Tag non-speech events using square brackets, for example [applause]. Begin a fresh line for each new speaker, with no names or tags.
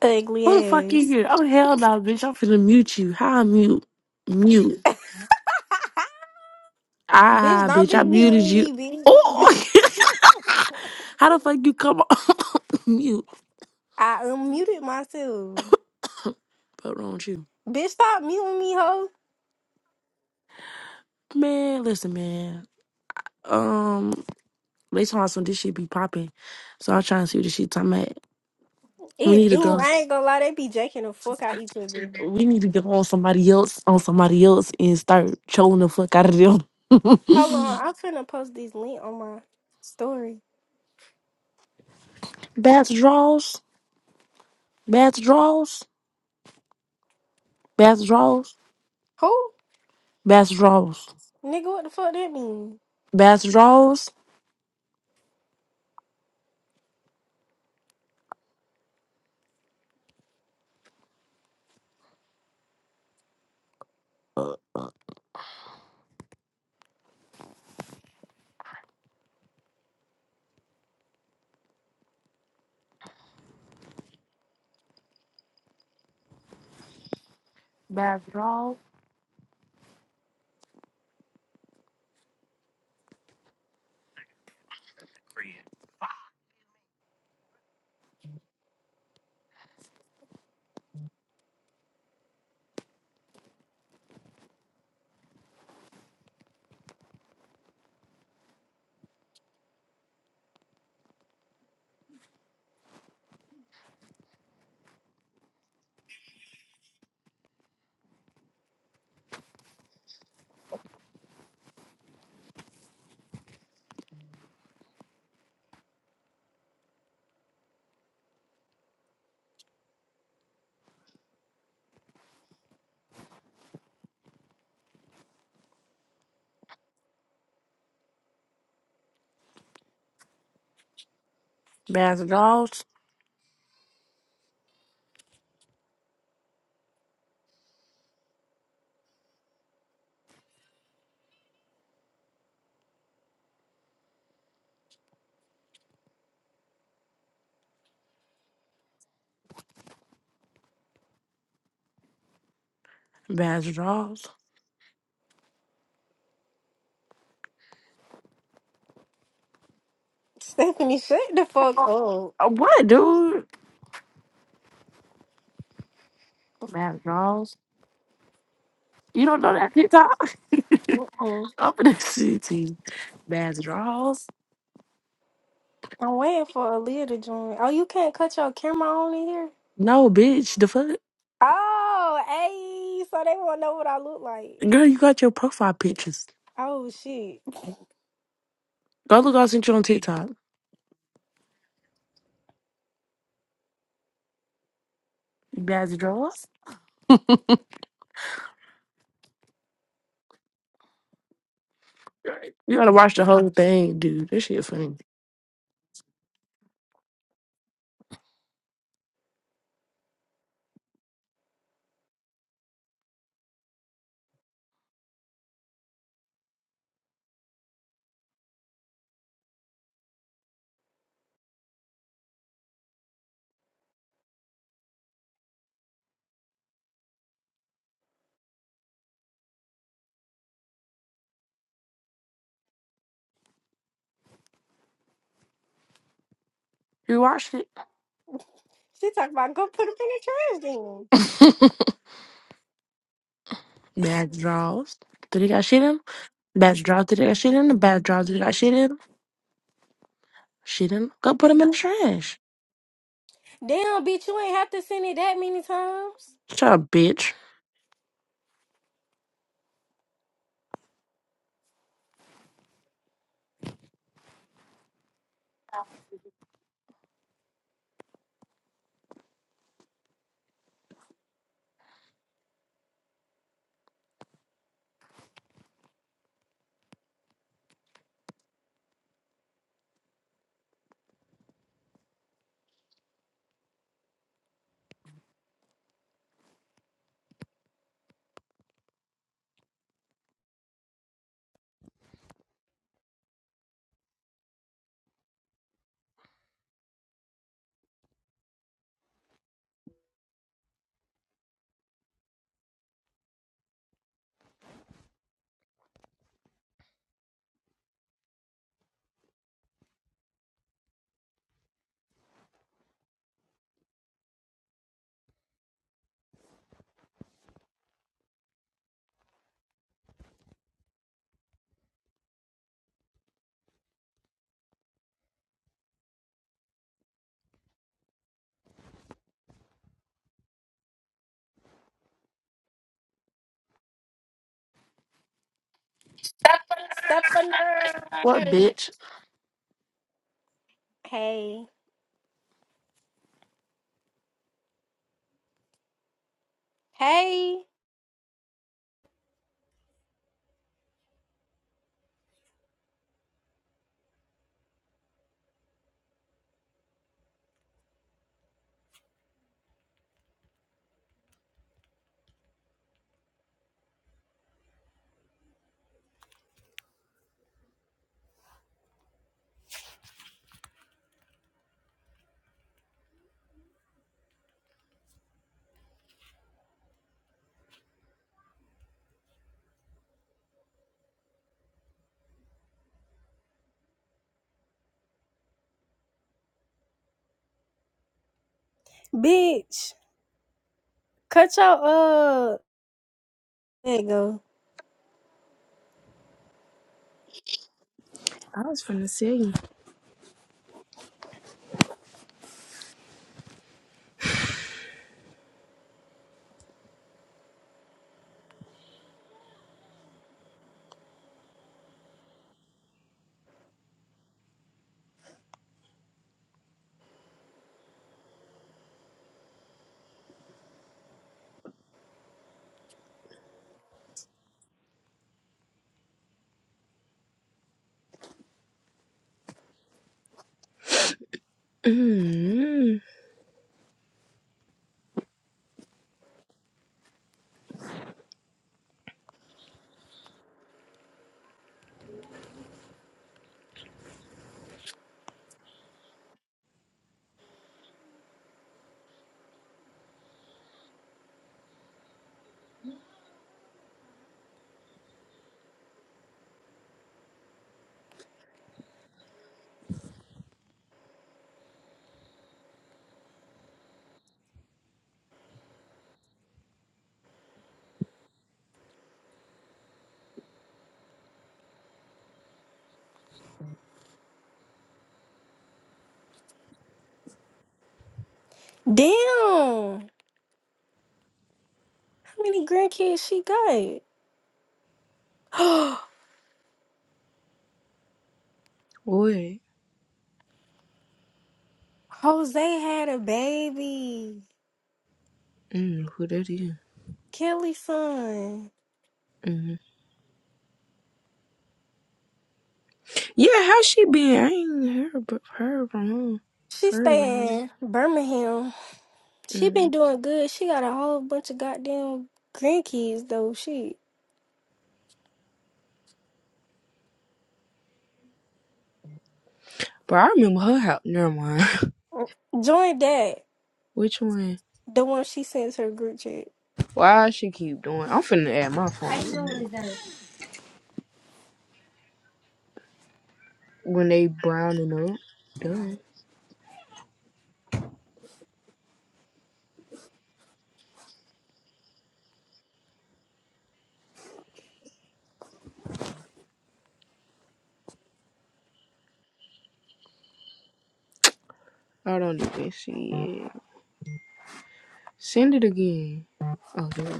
Ugly
Who the fuck is
ass.
you? Oh hell no, bitch! I'm finna mute you. How I mute? Mute.
Bitch,
Ah,
don't
bitch!
be
I muted
muting
you.
me, bitch.
Oh, [laughs] how the fuck you come on [laughs] [coughs] mute?
I unmuted myself.
What wrong with you,
Bitch, stop muting me, hoe.
man? Listen, man. Um, they talking about some this shit be popping, so I'm trying to see what this shit talking about. We
It
need to
do.
go.
I ain't gonna lie, they be jacking the fuck out each other.
We need to get on somebody else, on somebody else, and start trolling the fuck out of them. [laughs]
Hold on, I'm finna post this link on my story.
Bats draws, bats draws, bats draws,
Who?
bats draws.
Nigga, what the fuck that mean?
Bass Draws. Bass Draws. Bass Draws. Bass Draws.
Stephanie, shut the fuck
Oh,
up.
Uh, What, dude? Bass Draws. You don't know that TikTok?
Mm-mm.
[laughs] I'm in the city. Bass Draws.
I'm waiting for Aaliyah to join. Oh, you can't cut your camera on in here?
No, bitch. The fuck?
Oh, hey, so they wanna know what I look like.
Girl, you got your profile pictures.
Oh, shit.
Go look I sent you on TikTok. Bass Draws. You gotta watch the whole thing, dude. This shit funny. You watched it?
She talking about go put them in the trash then.
[laughs] Bass Draws. Did they got shit in? 'em? Bass Draws. Did they got shit in? 'em? Bass Draws. Did they got shit in? 'em? She didn't go put them in the trash.
Damn, bitch, you ain't have to send it that many times.
Shut up, bitch.
Stop on her.
What bitch?
Hey. Hey. Bitch, cut your uh There you go.
I was finna say. mm
Damn. How many grandkids she got? [gasps]
What?
Jose had a baby.
Mm, who that is?
Kelly's son.
Mm. Yeah, how she been? I ain't heard but heard from her.
She
Heard of her.
stay in Birmingham. She been
Mm.
doing good. She got a whole bunch of goddamn grandkids though. She
But I remember her house. Never mind.
join that.
[laughs] Which one?
The one she sends her group chat.
Why she keep doing? I'm finna add my phone when they browning up. Done. I don't even see it. Send it again. Okay.